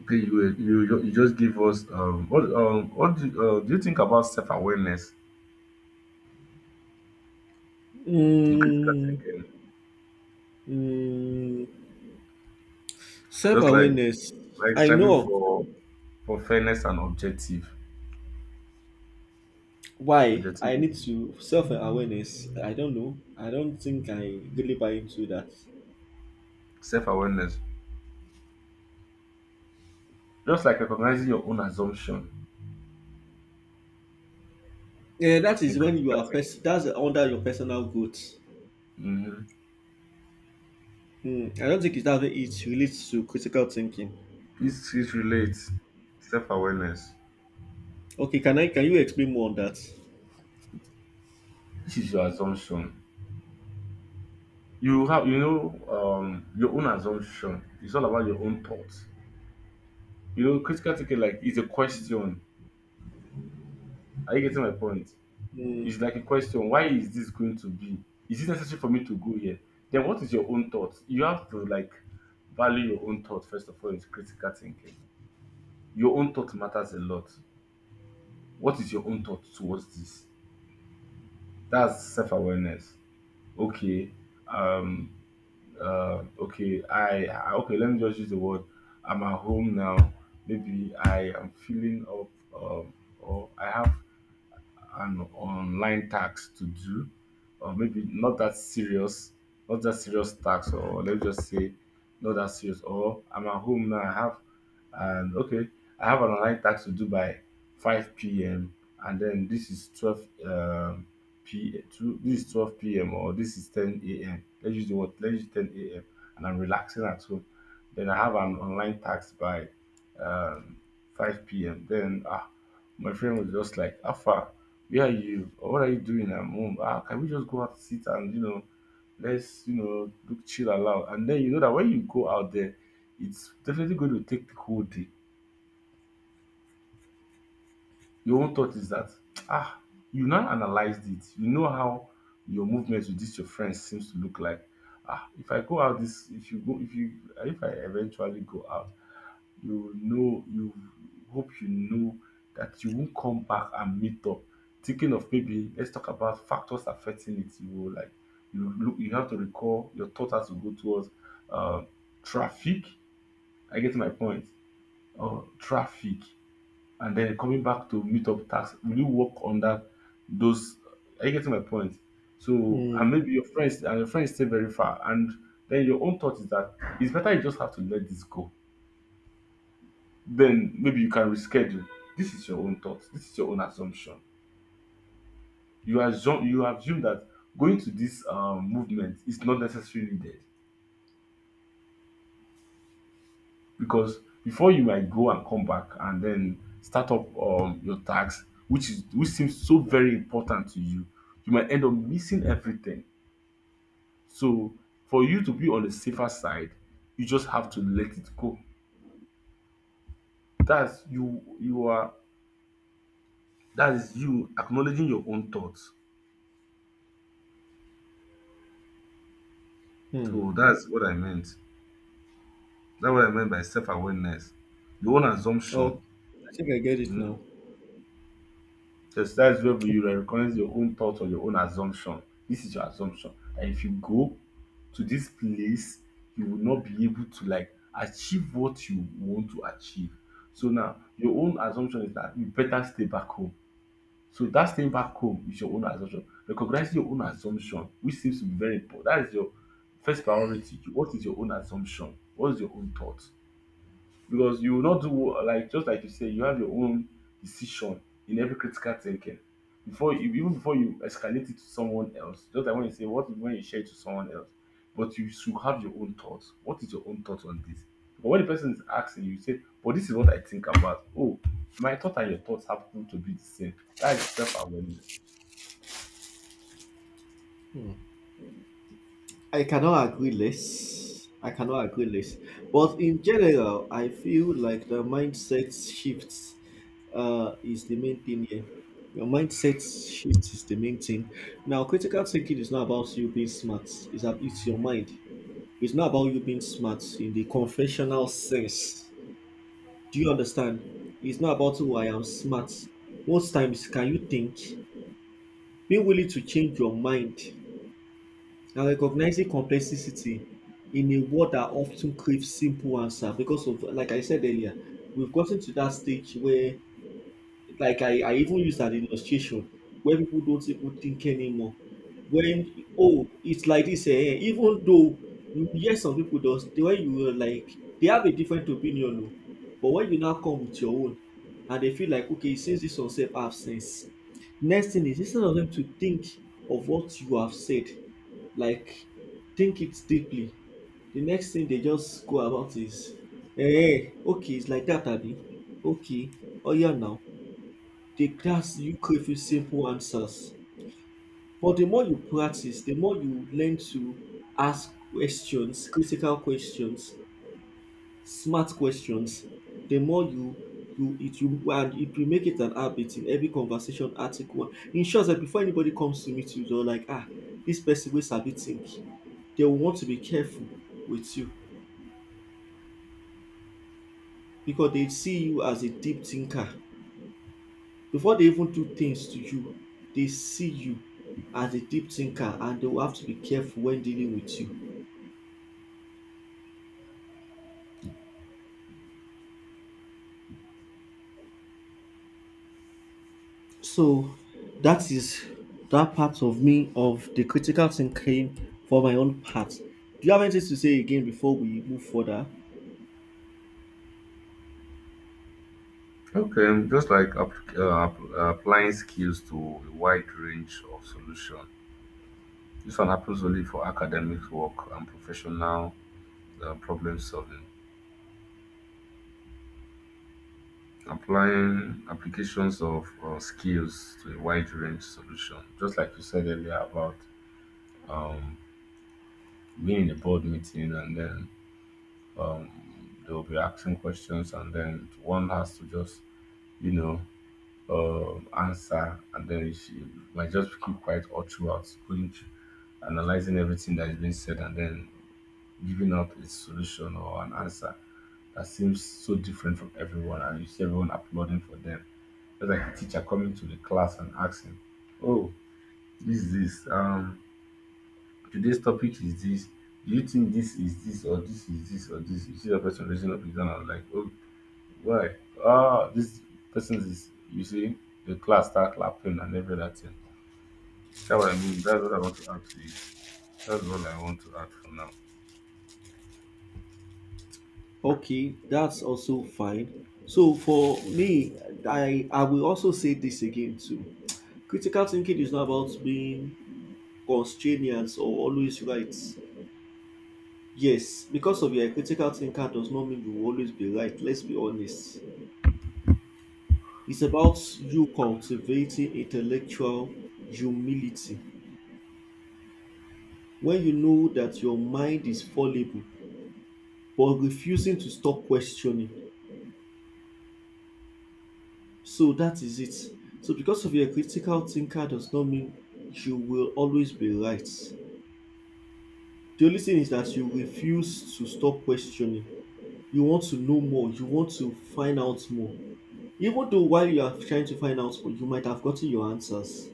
[SPEAKER 1] okay, you just give us what do, do you think about self awareness in critical
[SPEAKER 2] Mm,
[SPEAKER 1] thinking?
[SPEAKER 2] mm,
[SPEAKER 1] Just like
[SPEAKER 2] self-awareness. I
[SPEAKER 1] striving
[SPEAKER 2] know
[SPEAKER 1] for fairness and objective
[SPEAKER 2] why I need
[SPEAKER 1] objectivity,
[SPEAKER 2] to self-awareness. I don't know. I don't think I really buy into that.
[SPEAKER 1] self awareness, just like recognizing your own assumption
[SPEAKER 2] Yeah, that
[SPEAKER 1] in
[SPEAKER 2] is when you
[SPEAKER 1] critical
[SPEAKER 2] are
[SPEAKER 1] thinking.
[SPEAKER 2] that's under your personal growth.
[SPEAKER 1] Mm-hmm.
[SPEAKER 2] Hmm, I don't think it's that way it relates to critical thinking.
[SPEAKER 1] It relates self awareness.
[SPEAKER 2] Okay, can you explain more on that?
[SPEAKER 1] This is your assumption. You have, you know, your own assumption. It's all about your own thoughts. You know, critical thinking like is a question. Are you getting my point?
[SPEAKER 2] Hmm.
[SPEAKER 1] It's like a question, why is this going to be? Is it necessary for me to go here? Then what is your own thoughts? You have to like value your own thought. First of all is critical thinking. Your own thought matters a lot. What is your own thought towards this? That's self-awareness. Okay. um okay, I okay, let me just use the word. I'm at home now. Maybe I am feeling up or I have an online task to do, or maybe not that serious, not that serious task, or let's just say not that serious, or I'm at home now, I have and okay, I have an online task to do by 5 p.m. And then this is 12 This is 12 p.m. or this is 10 a.m. Let's use the word. Let's use 10 a.m. And I'm relaxing at home. Then I have an online task by um, 5 p.m. Then ah, my friend was just like, "How far? Where are you?" Or, "What are you doing?" At home. Ah, can we just go out, sit and, you know, let's, you know, look chill aloud. And then you know that when you go out there, it's definitely going to take the whole day. Your own thought is that ah, you now analyzed it. You know how your movements with this your friends seems to look like. Ah, if I go out this, if you go, if you, if I eventually go out, you know, you hope, you know, that you won't come back and meet up. Thinking of maybe let's talk about factors affecting it. You will like you look you have to recall your thoughts has to go towards uh, traffic. I get my point. Oh, traffic, and then coming back to meet up tax. Will you work on that? Those are you getting my point? So and
[SPEAKER 2] Hmm.
[SPEAKER 1] maybe your friends and your friends stay very far, and then your own thought is that it's better you just have to let this go, then maybe you can reschedule. This is your own thoughts. This is your own assumption. You assume that going to this movement is not necessarily needed because before you might go and come back and then start up your tax, which is which seems so very important to you, you might end up missing everything. So for you to be on the safer side, you just have to let it go. That's you. You are. That is you acknowledging your own thoughts.
[SPEAKER 2] Hmm.
[SPEAKER 1] So that's what I meant. That's what I meant by self-awareness. Your own assumption.
[SPEAKER 2] Oh, I think I get it now.
[SPEAKER 1] So that is where you recognize your own thought or your own assumption. This is your assumption. And if you go to this place, you will not be able to like achieve what you want to achieve. So now your own assumption is that you better stay back home. So that staying back home is your own assumption. Recognize your own assumption, which seems to be very important. That is your first priority. What is your own assumption? What is your own thought? Because you will not do like just like you say you have your own decision in every critical thinking before you even before you escalate it to someone else, just like when you say what if, when you share it to someone else, but you should have your own thoughts. What is your own thought on this? But when the person is asking you say, but this is what I think about. Oh, my thought and your thoughts happen to be the same. That is self-awareness.
[SPEAKER 2] I cannot agree less. I cannot agree less. But in general, I feel like the mindset shifts is the main thing here. Your mindset shift is the main thing. Now, critical thinking is not about you being smart. It's your mind. It's not about you being smart in the conventional sense. Do you understand? It's not about who I am smart. Most times, can you think? Being willing to change your mind. Now, recognizing complexity in a world that often craves simple answer because of, like I said earlier, we've gotten to that stage where, like I even used an illustration, where people don't even think anymore. When, oh, it's like this, even though you hear some people does, the way you were like, they have a different opinion, oh, but when you now come with your own, and they feel like, okay, since this one self have sense, next thing is instead of them to think of what you have said like think it deeply. The next thing they just go about is okay, it's like that, Abby. Okay. Oh, yeah. Now they ask you crave crayfish simple answers, but the more you practice, the more you learn to ask questions, critical questions, smart questions. The more you you it you and if you make it an habit in every conversation article, in short sef before anybody comes to meet you, they're like, ah, this person wey sabi think. They will want to be careful with you because they see you as a deep thinker. Before they even do things to you, they see you as a deep thinker and they will have to be careful when dealing with you. So that is that part of me of the critical thinking for my own part. Do you have anything to say again before we move further?
[SPEAKER 1] Okay, just like applying skills to a wide range of solutions. This one happens only for academic work and professional problem solving, applying applications of skills to a wide range solution. Just like you said earlier about um, being in a board meeting and then they'll be asking questions and then one has to just, you know, answer and then she might just keep quiet all throughout, going through- analyzing everything that is being said and then giving out a solution or an answer that seems so different from everyone and you see everyone applauding for them. Just like a teacher coming to the class and asking, "Oh, this is this. Today's topic is this. Do you think this is this or this is this or this?" You see the person raising up his hand and like, "Oh, why? Ah, this person is." You see, the class start clapping and every other thing. That's what I mean. That's what I want to add to it. That's what I want to add for now.
[SPEAKER 2] Okay, that's also fine. So for me, I will also say this again too. Critical thinking is not about being constrainers or always right. Yes, because of your critical thinker does not mean you will always be right. Let's be honest. It's about you cultivating intellectual humility when you know that your mind is fallible but refusing to stop questioning. So that is it. So because of your critical thinker does not mean you will always be right. The only thing is that you refuse to stop questioning. You want to know more, you want to find out more. Even though while you are trying to find out more, you might have gotten your answers.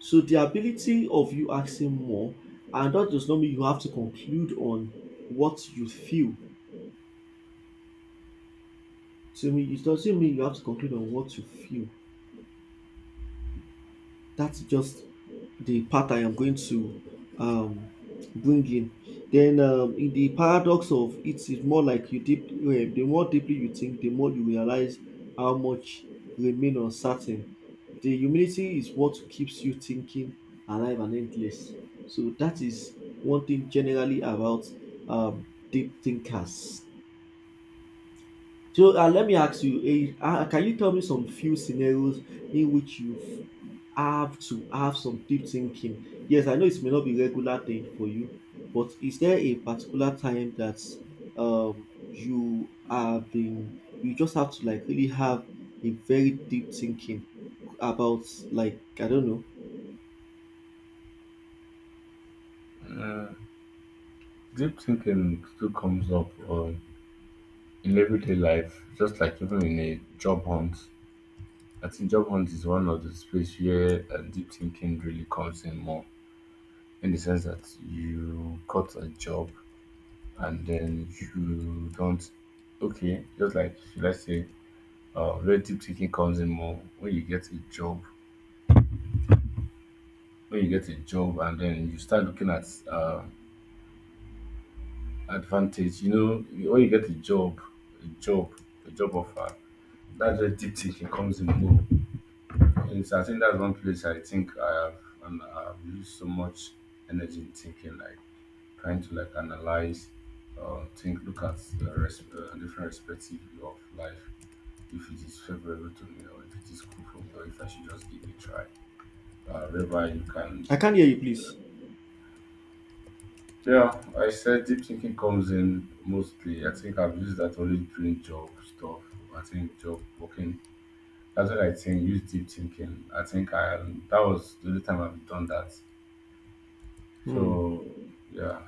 [SPEAKER 2] So the ability of you asking more, and that does not mean you have to conclude on what you feel. To me, it doesn't mean you have to conclude on what you feel. That's just the part I am going to um, bring in. Then, in the paradox of it is more like you deep. The more deeply you think, the more you realize how much remain uncertain. The humility is what keeps you thinking alive and endless. So that is one thing generally about um, deep thinkers. So let me ask you, can you tell me some few scenarios in which you have to have some deep thinking? Yes, I know it may not be regular thing for you, but is there a particular time that you have been, you just have to like really have a very deep thinking about like, I don't know.
[SPEAKER 1] Deep thinking still comes up in everyday life, just like even in a job hunt. I think job hunt is one of the space where deep thinking really comes in more, in the sense that you got a job and then you don't. Okay, just like should I say, where deep thinking comes in more when you get a job, when you get a job and then you start looking at uh, advantage. You know, when you get a job, a job, a job offer, that's where deep thinking comes in more. Yes, I think that's one place I think I have and I've used so much energy in thinking, like trying to like analyze, think, look at the different perspective of life, if it is favorable to me or if it is cool for me or if I should just give it a try. Whereby you can,
[SPEAKER 2] I can't hear you, please.
[SPEAKER 1] yeah, I said deep thinking comes in mostly. I think I've used that only during job stuff. I think job working. That's what I think. Use deep thinking. I think I that was the only time I've done that.
[SPEAKER 2] Hmm.
[SPEAKER 1] So yeah,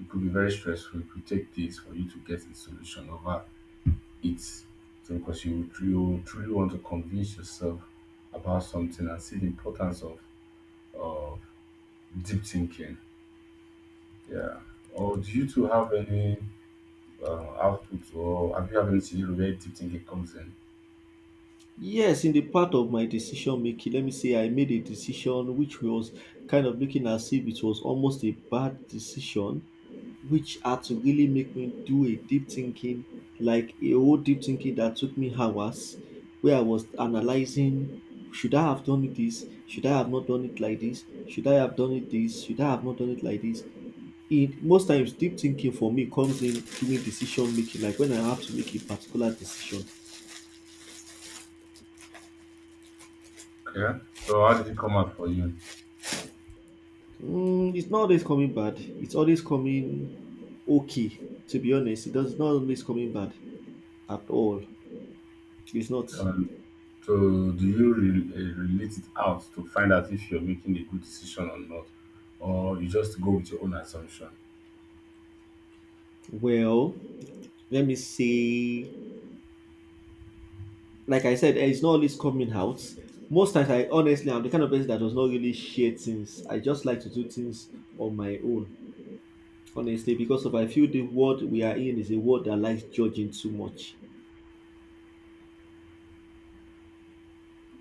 [SPEAKER 1] it could be very stressful. It could take days for you to get a solution over it. So because you truly want to convince yourself about something and see the importance of of deep thinking. Yeah. Or do you two have any output or have you have any scenario where deep thinking comes in?
[SPEAKER 2] Yes, in the part of my decision making, let me say I made a decision which was kind of looking as if it was almost a bad decision, which had to really make me do a deep thinking, like a whole deep thinking that took me hours, where I was analyzing should I have done it this? Should I have not done it like this? Should I have done it this? Should I have not done it like this? It most times deep thinking for me comes in during decision making, like when I have to make a particular decision.
[SPEAKER 1] Yeah. So how did it come out for you?
[SPEAKER 2] Mm, it's not always coming bad. It's always coming okay. To be honest, it does not always coming bad at all. It's not.
[SPEAKER 1] Um, So do you relate it out to find out if you're making a good decision or not, or you just go with your own assumption?
[SPEAKER 2] Well, let me see. Like I said, it's not always coming out. Most times, I honestly, I'm the kind of person that does not really share things. I just like to do things on my own, honestly, because of I feel the world we are in is a world that likes judging too much.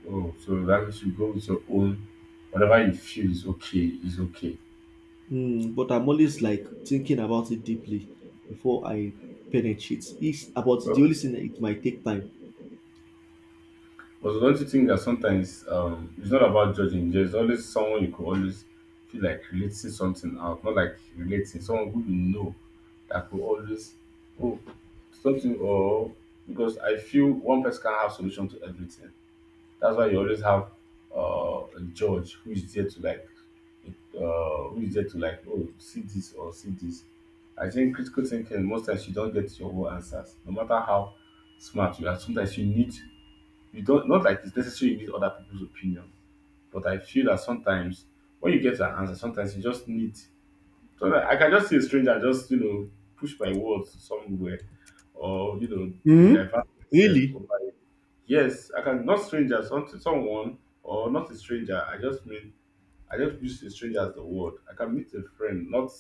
[SPEAKER 1] Oh, so that means you go with your own. Whatever you feel is okay, is okay.
[SPEAKER 2] Mm, but I'm always like thinking about it deeply before I penetrate. It's about the
[SPEAKER 1] Well,
[SPEAKER 2] only thing that it might take time.
[SPEAKER 1] but don't you think that sometimes it's not about judging? There's always someone you could always feel like relating something out, not like relating someone who you know that could always oh something or because I feel one person can have solution to everything. That's why you always have a judge who is there to like uh, who is there to like oh see this or see this. I think critical thinking most times you don't get your own answers, no matter how smart you are. Sometimes you need you don't not like it's necessary you need other people's opinion, but I feel that sometimes when you get an answer, sometimes you just need. So that I can just see a stranger and just you know push my words somewhere or you know to
[SPEAKER 2] Hmm?
[SPEAKER 1] divert.
[SPEAKER 2] Really?
[SPEAKER 1] Yes, I can not strangers unto someone or not a stranger. I just mean I just use a stranger as the word. I can meet a friend, not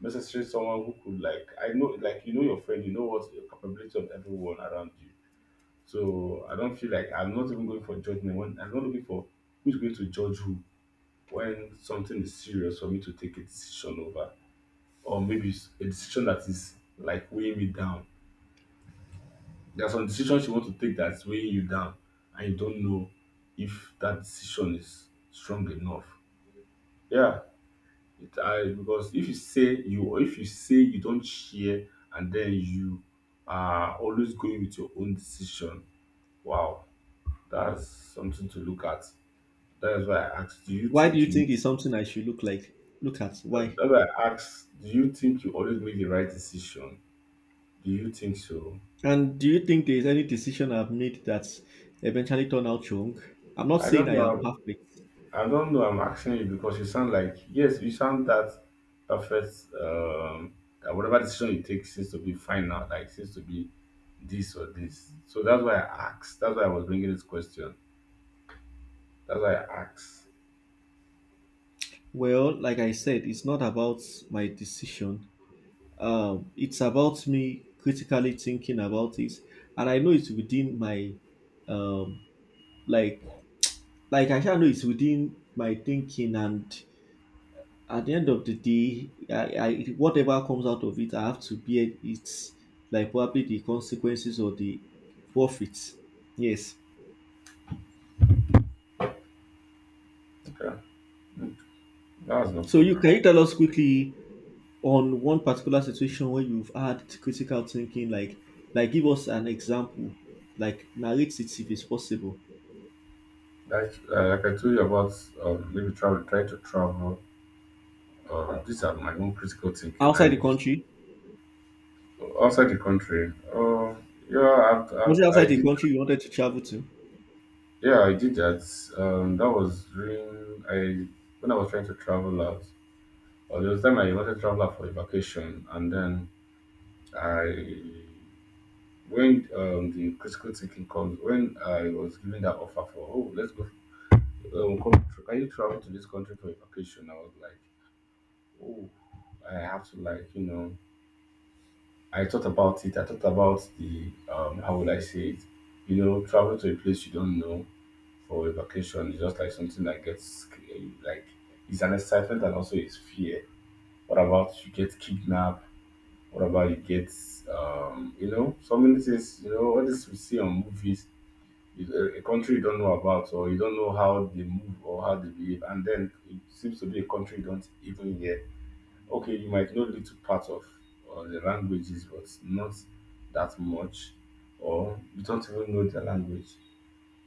[SPEAKER 1] necessarily someone who could like I know like you know your friend, you know what your capability of everyone around you. So I don't feel like I'm not even going for judgment when I'm not looking for who's going to judge who when something is serious for me to take a decision over. Or maybe it's a decision that is like weighing me down. There are some decisions you want to take that's weighing you down, and you don't know if that decision is strong enough. Yeah, it, I because if you say you don't share and then you are always going with your own decision. Wow, that's something to look at. That's why I asked, do you
[SPEAKER 2] Why do
[SPEAKER 1] think
[SPEAKER 2] you
[SPEAKER 1] you
[SPEAKER 2] think it's something I should look like? Look at why?
[SPEAKER 1] that's why I asked, do you think you always make the right decision? Do you think so?
[SPEAKER 2] And do you think there is any decision I've made that eventually turned out wrong? I'm not
[SPEAKER 1] I
[SPEAKER 2] saying
[SPEAKER 1] don't
[SPEAKER 2] I am
[SPEAKER 1] know
[SPEAKER 2] perfect.
[SPEAKER 1] I don't know. I'm asking you because you sound like yes, you sound that perfect. Um, that whatever decision you take seems to be final, like seems to be this or this. So that's why I asked. That's why I was bringing this question. That's why I asked.
[SPEAKER 2] Well, like I said, it's not about my decision. It's about me critically thinking about it, and I know it's within my um like like I shall know it's within my thinking and at the end of the day I whatever comes out of it I have to bear it, like probably the consequences or the profits. Yes.
[SPEAKER 1] Okay, that was no
[SPEAKER 2] So you
[SPEAKER 1] problem.
[SPEAKER 2] can you tell us quickly on one particular situation where you've had critical thinking, like give us an example, like narrate it if it's possible.
[SPEAKER 1] Like, I told you about maybe try to travel. These are my own critical thinking. I
[SPEAKER 2] Outside the
[SPEAKER 1] used
[SPEAKER 2] country?
[SPEAKER 1] outside the country. Yeah, I've,
[SPEAKER 2] Was it
[SPEAKER 1] I've,
[SPEAKER 2] outside
[SPEAKER 1] I
[SPEAKER 2] the
[SPEAKER 1] did
[SPEAKER 2] country you wanted to travel to?
[SPEAKER 1] Yeah, I did that. That was during I when I was trying to travel out. Or there was time I wanted to travel out for a vacation, and then I when the critical thinking comes when I was given that offer for, oh, let's go, come, can you travel to this country for a vacation? I was like, oh, I have to like you know I thought about it. I thought about the, how would I say it? You know, travel to a place you don't know, or a vacation is just like something that gets like, it's an excitement and also it's fear. What about you get kidnapped? What about you get so many things? You know all this we see on movies is a country you don't know about, or you don't know how they move or how they behave, and then it seems to be a country you don't even hear. Okay, you might know little part of the languages, but not that much, or you don't even know their language.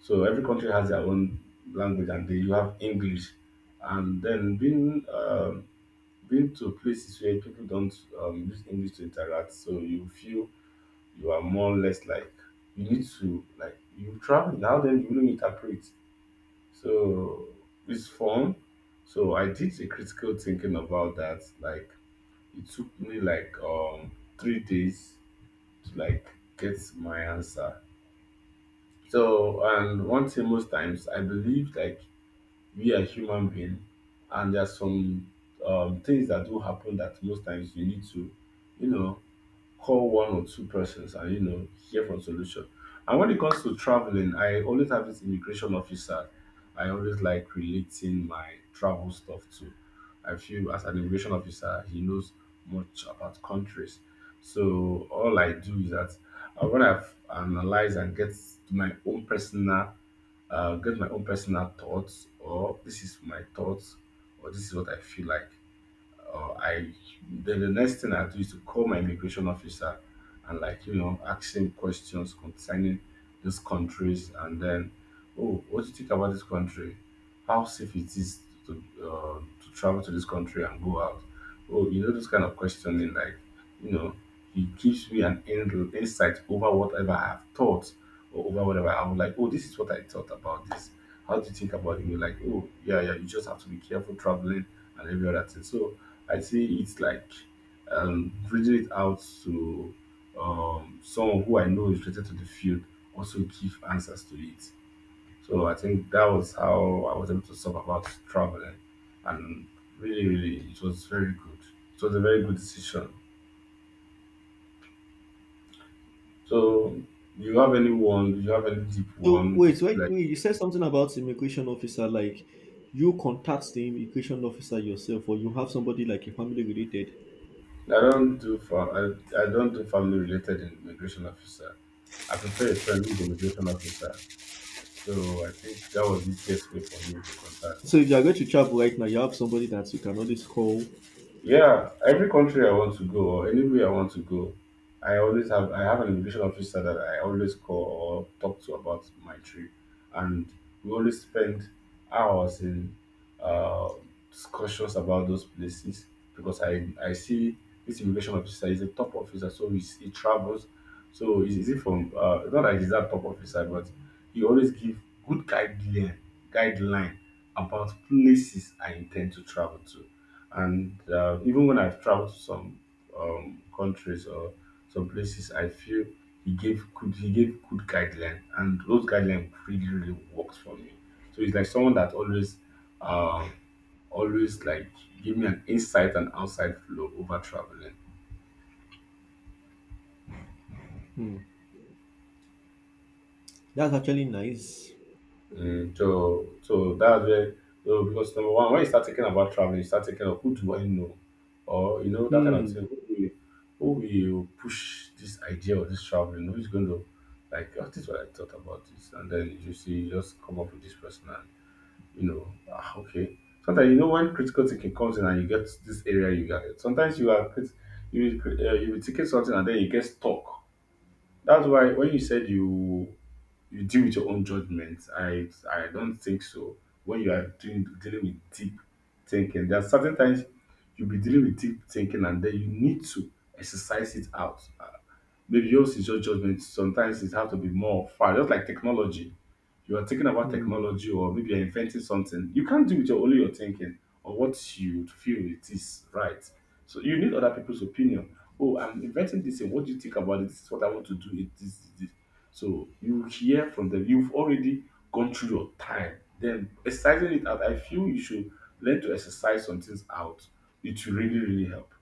[SPEAKER 1] So every country has their own language, and then you have English. And then being to places where people don't use English to interact, so you feel you are more or less like you need to, like, you travel now. Then you don't interpret, so it's fun. So I did a critical thinking about that. Like, it took me like 3 days to, like, get my answer. So, and one thing most times I believe, like, we are human being, and there are some things that do happen that most times you need to, you know call one or two persons and, hear from solution. And when it comes to traveling, I always have this immigration officer. I always like relating my travel stuff to. I feel as an immigration officer, he knows much about countries. So all I do is that, when I've analyzed and get my own personal my own personal thoughts, or this is my thoughts, or this is what I feel like, or I then the next thing I do is to call my immigration officer and, like, ask him questions concerning these countries, and then, oh, what do you think about this country? How safe it is to travel to this country and go out? Oh, you know, this kind of questioning, like, you know, it gives me an insight over whatever I have thought, or over whatever I'm like. Oh, this is what I thought about this. How do you think about it? You're like, oh, yeah, yeah. You just have to be careful traveling and every other thing. So I see, it's like, reading it out to, someone who I know is related to the field also give answers to it, so I think that was how I was able to solve about traveling. And really, really, it was very good. It was a very good decision. So, you have any deep
[SPEAKER 2] So
[SPEAKER 1] one?
[SPEAKER 2] wait, wait,
[SPEAKER 1] Like,
[SPEAKER 2] wait, you said something about immigration officer, like you contact the immigration officer yourself, or you have somebody like a family related.
[SPEAKER 1] I don't do family related immigration officer. I prefer a friendly immigration officer. So I think that was the easiest way for me to contact.
[SPEAKER 2] So if you are going to travel right now, you have somebody that you can always call.
[SPEAKER 1] Yeah, every country I want to go or anywhere I want to go, I have an immigration officer that I always call or talk to about my trip, and we always spend hours in, uh, discussions about those places, because I see this immigration officer is a top officer, so he travels, so he's easy from, not that he's that top officer, but he always give good guideline about places I intend to travel to. And, even when I've traveled to some, countries or some places, I feel he gave good guideline, and those guidelines really really worked for me. So he's like someone that um always like give me an insight and outside flow over traveling.
[SPEAKER 2] Hmm. That's actually nice.
[SPEAKER 1] So that's where, so because number one, when you start thinking about traveling, you start thinking of, who do I know? Or, you know, that kind of
[SPEAKER 2] Hmm.
[SPEAKER 1] thing. Who will push this idea of this traveling? Who's going to, like, oh, this is what I thought about this, and then you see you just come up with this person and, you know, ah, okay. Sometimes, when critical thinking comes in and you get this area, you get sometimes you are crit- you will cri- you will ticket something and then you get stuck. That's why when you said, you deal with your own judgment. I don't think so. When you are doing dealing with deep thinking, there are certain times you'll be dealing with deep thinking, and then you need to exercise it out. Maybe yours is your judgment. Sometimes it have to be more far, just like technology. You are thinking about
[SPEAKER 2] Hmm.
[SPEAKER 1] technology, or maybe you're inventing something. You can't do it with your only your thinking or what you feel it is right. So you need other people's opinion. Oh, I'm inventing this thing. What do you think about it? This is what I want to do. It this this. This." So you hear from them. You've already gone through your time. Then exercising it out. I feel you should learn to exercise some things out. It will really really help.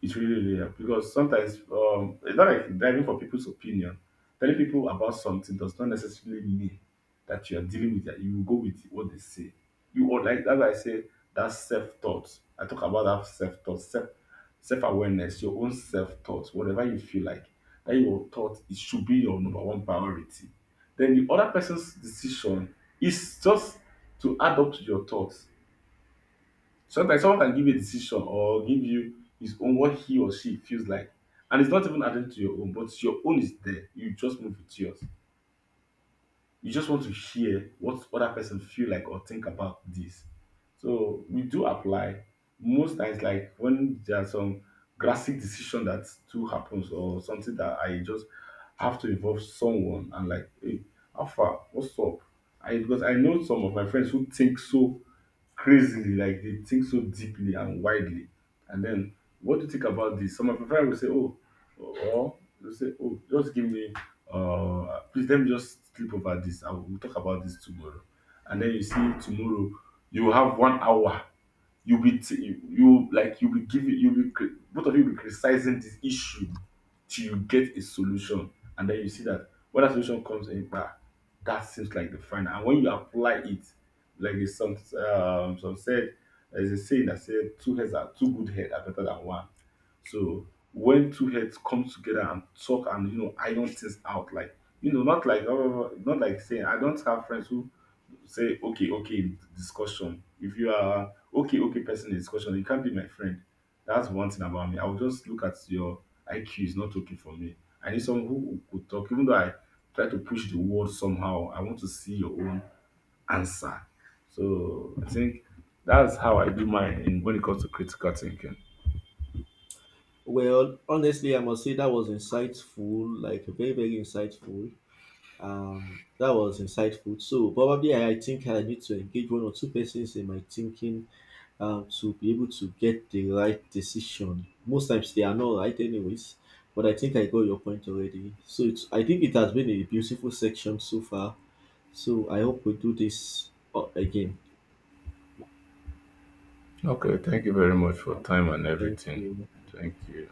[SPEAKER 1] It really, really helps because sometimes, it's not like driving for people's opinion. Telling people about something does not necessarily mean that you are dealing with that. You will go with what they say. You or like that's why I say that self thought. I talk about that self thought, self awareness, your own self thoughts, whatever you feel like. That your thought, it should be your number one priority. Then the other person's decision is just to add up to your thoughts. Sometimes someone can give you a decision or give you his own, what he or she feels like. And it's not even added to your own, but your own is there. You just move with yours. You just want to hear what other person feel like or think about this. So we do apply most times like when there are some drastic decision that too happens, or something that I just have to involve someone and like, hey, how far? What's up? I because I know some of my friends who think so crazily, like, they think so deeply and widely. And then, what do you think about this? Some of my friends will say, oh, or they'll say, oh, just give me, please let me just sleep over this. I will we'll talk about this tomorrow. And then you see tomorrow, you have 1 hour. You'll be giving, you'll be, cri- Both of you will be criticizing this issue till you get a solution, and then you see that when that solution comes in, bah, that seems like the final, and when you apply it, like, the some said, there's a saying that said two good heads are better than one. So when two heads come together and talk, and iron things out, like, not like, not like saying, I don't have friends who say okay okay in discussion. If you are okay okay person in discussion, you can't be my friend. That's one thing about me. I will just look at your IQ is not okay for me. I need someone who could talk, even though I try to push the word somehow. I want to see your own answer. So I think that's how I do mine in when it comes to critical thinking.
[SPEAKER 2] Well, honestly, I must say that was insightful, like very, very insightful. That was insightful. So probably I think I need to engage one or two persons in my thinking to be able to get the right decision. Most times they are not right, anyways. But I think I got your point already. So it's, I think it has been a beautiful section so far. So I hope we do this again.
[SPEAKER 1] Okay, thank you very much for time and
[SPEAKER 2] Thank
[SPEAKER 1] everything.
[SPEAKER 2] you.
[SPEAKER 1] Thank you.